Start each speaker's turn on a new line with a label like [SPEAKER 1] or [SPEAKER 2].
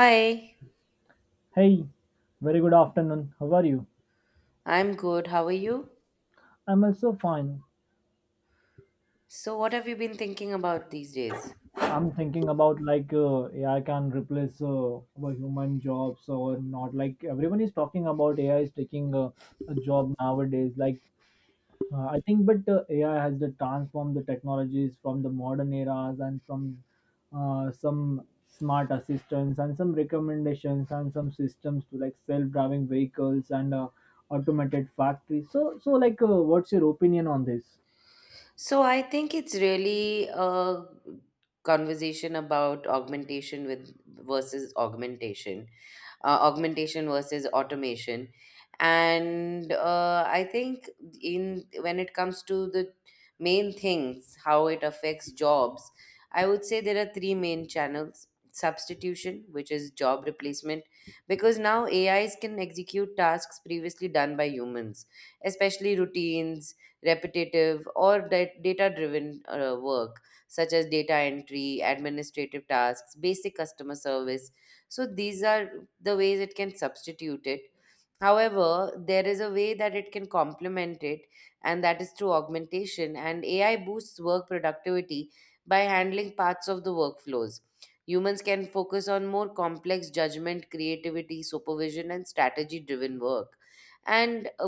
[SPEAKER 1] Hi,
[SPEAKER 2] Hey, very good afternoon. How are you?
[SPEAKER 1] I'm good. How are you?
[SPEAKER 2] I'm also fine.
[SPEAKER 1] So, what have you been thinking about these days?
[SPEAKER 2] I'm thinking about AI can replace our human jobs or not. Like everyone is talking about AI is taking a job nowadays. I think, but AI has the transformed the technologies from the modern eras and from some smart assistants and some recommendations and some systems to like self-driving vehicles and automated factories. So, what's your opinion on this?
[SPEAKER 1] So, I think it's really a conversation about augmentation with versus augmentation. Augmentation versus automation, and I think in when it comes to the main things how it affects jobs, I would say there are three main channels. Substitution, which is job replacement, because now ais can execute tasks previously done by humans, especially routines, repetitive or data driven work, such as data entry, administrative tasks, basic customer service. So these are the ways it can substitute it. However, there is a way that it can complement it, and that is through augmentation. And AI boosts work productivity by handling parts of the workflows. Humans can focus on more complex judgment, creativity, supervision, and strategy driven work. And uh,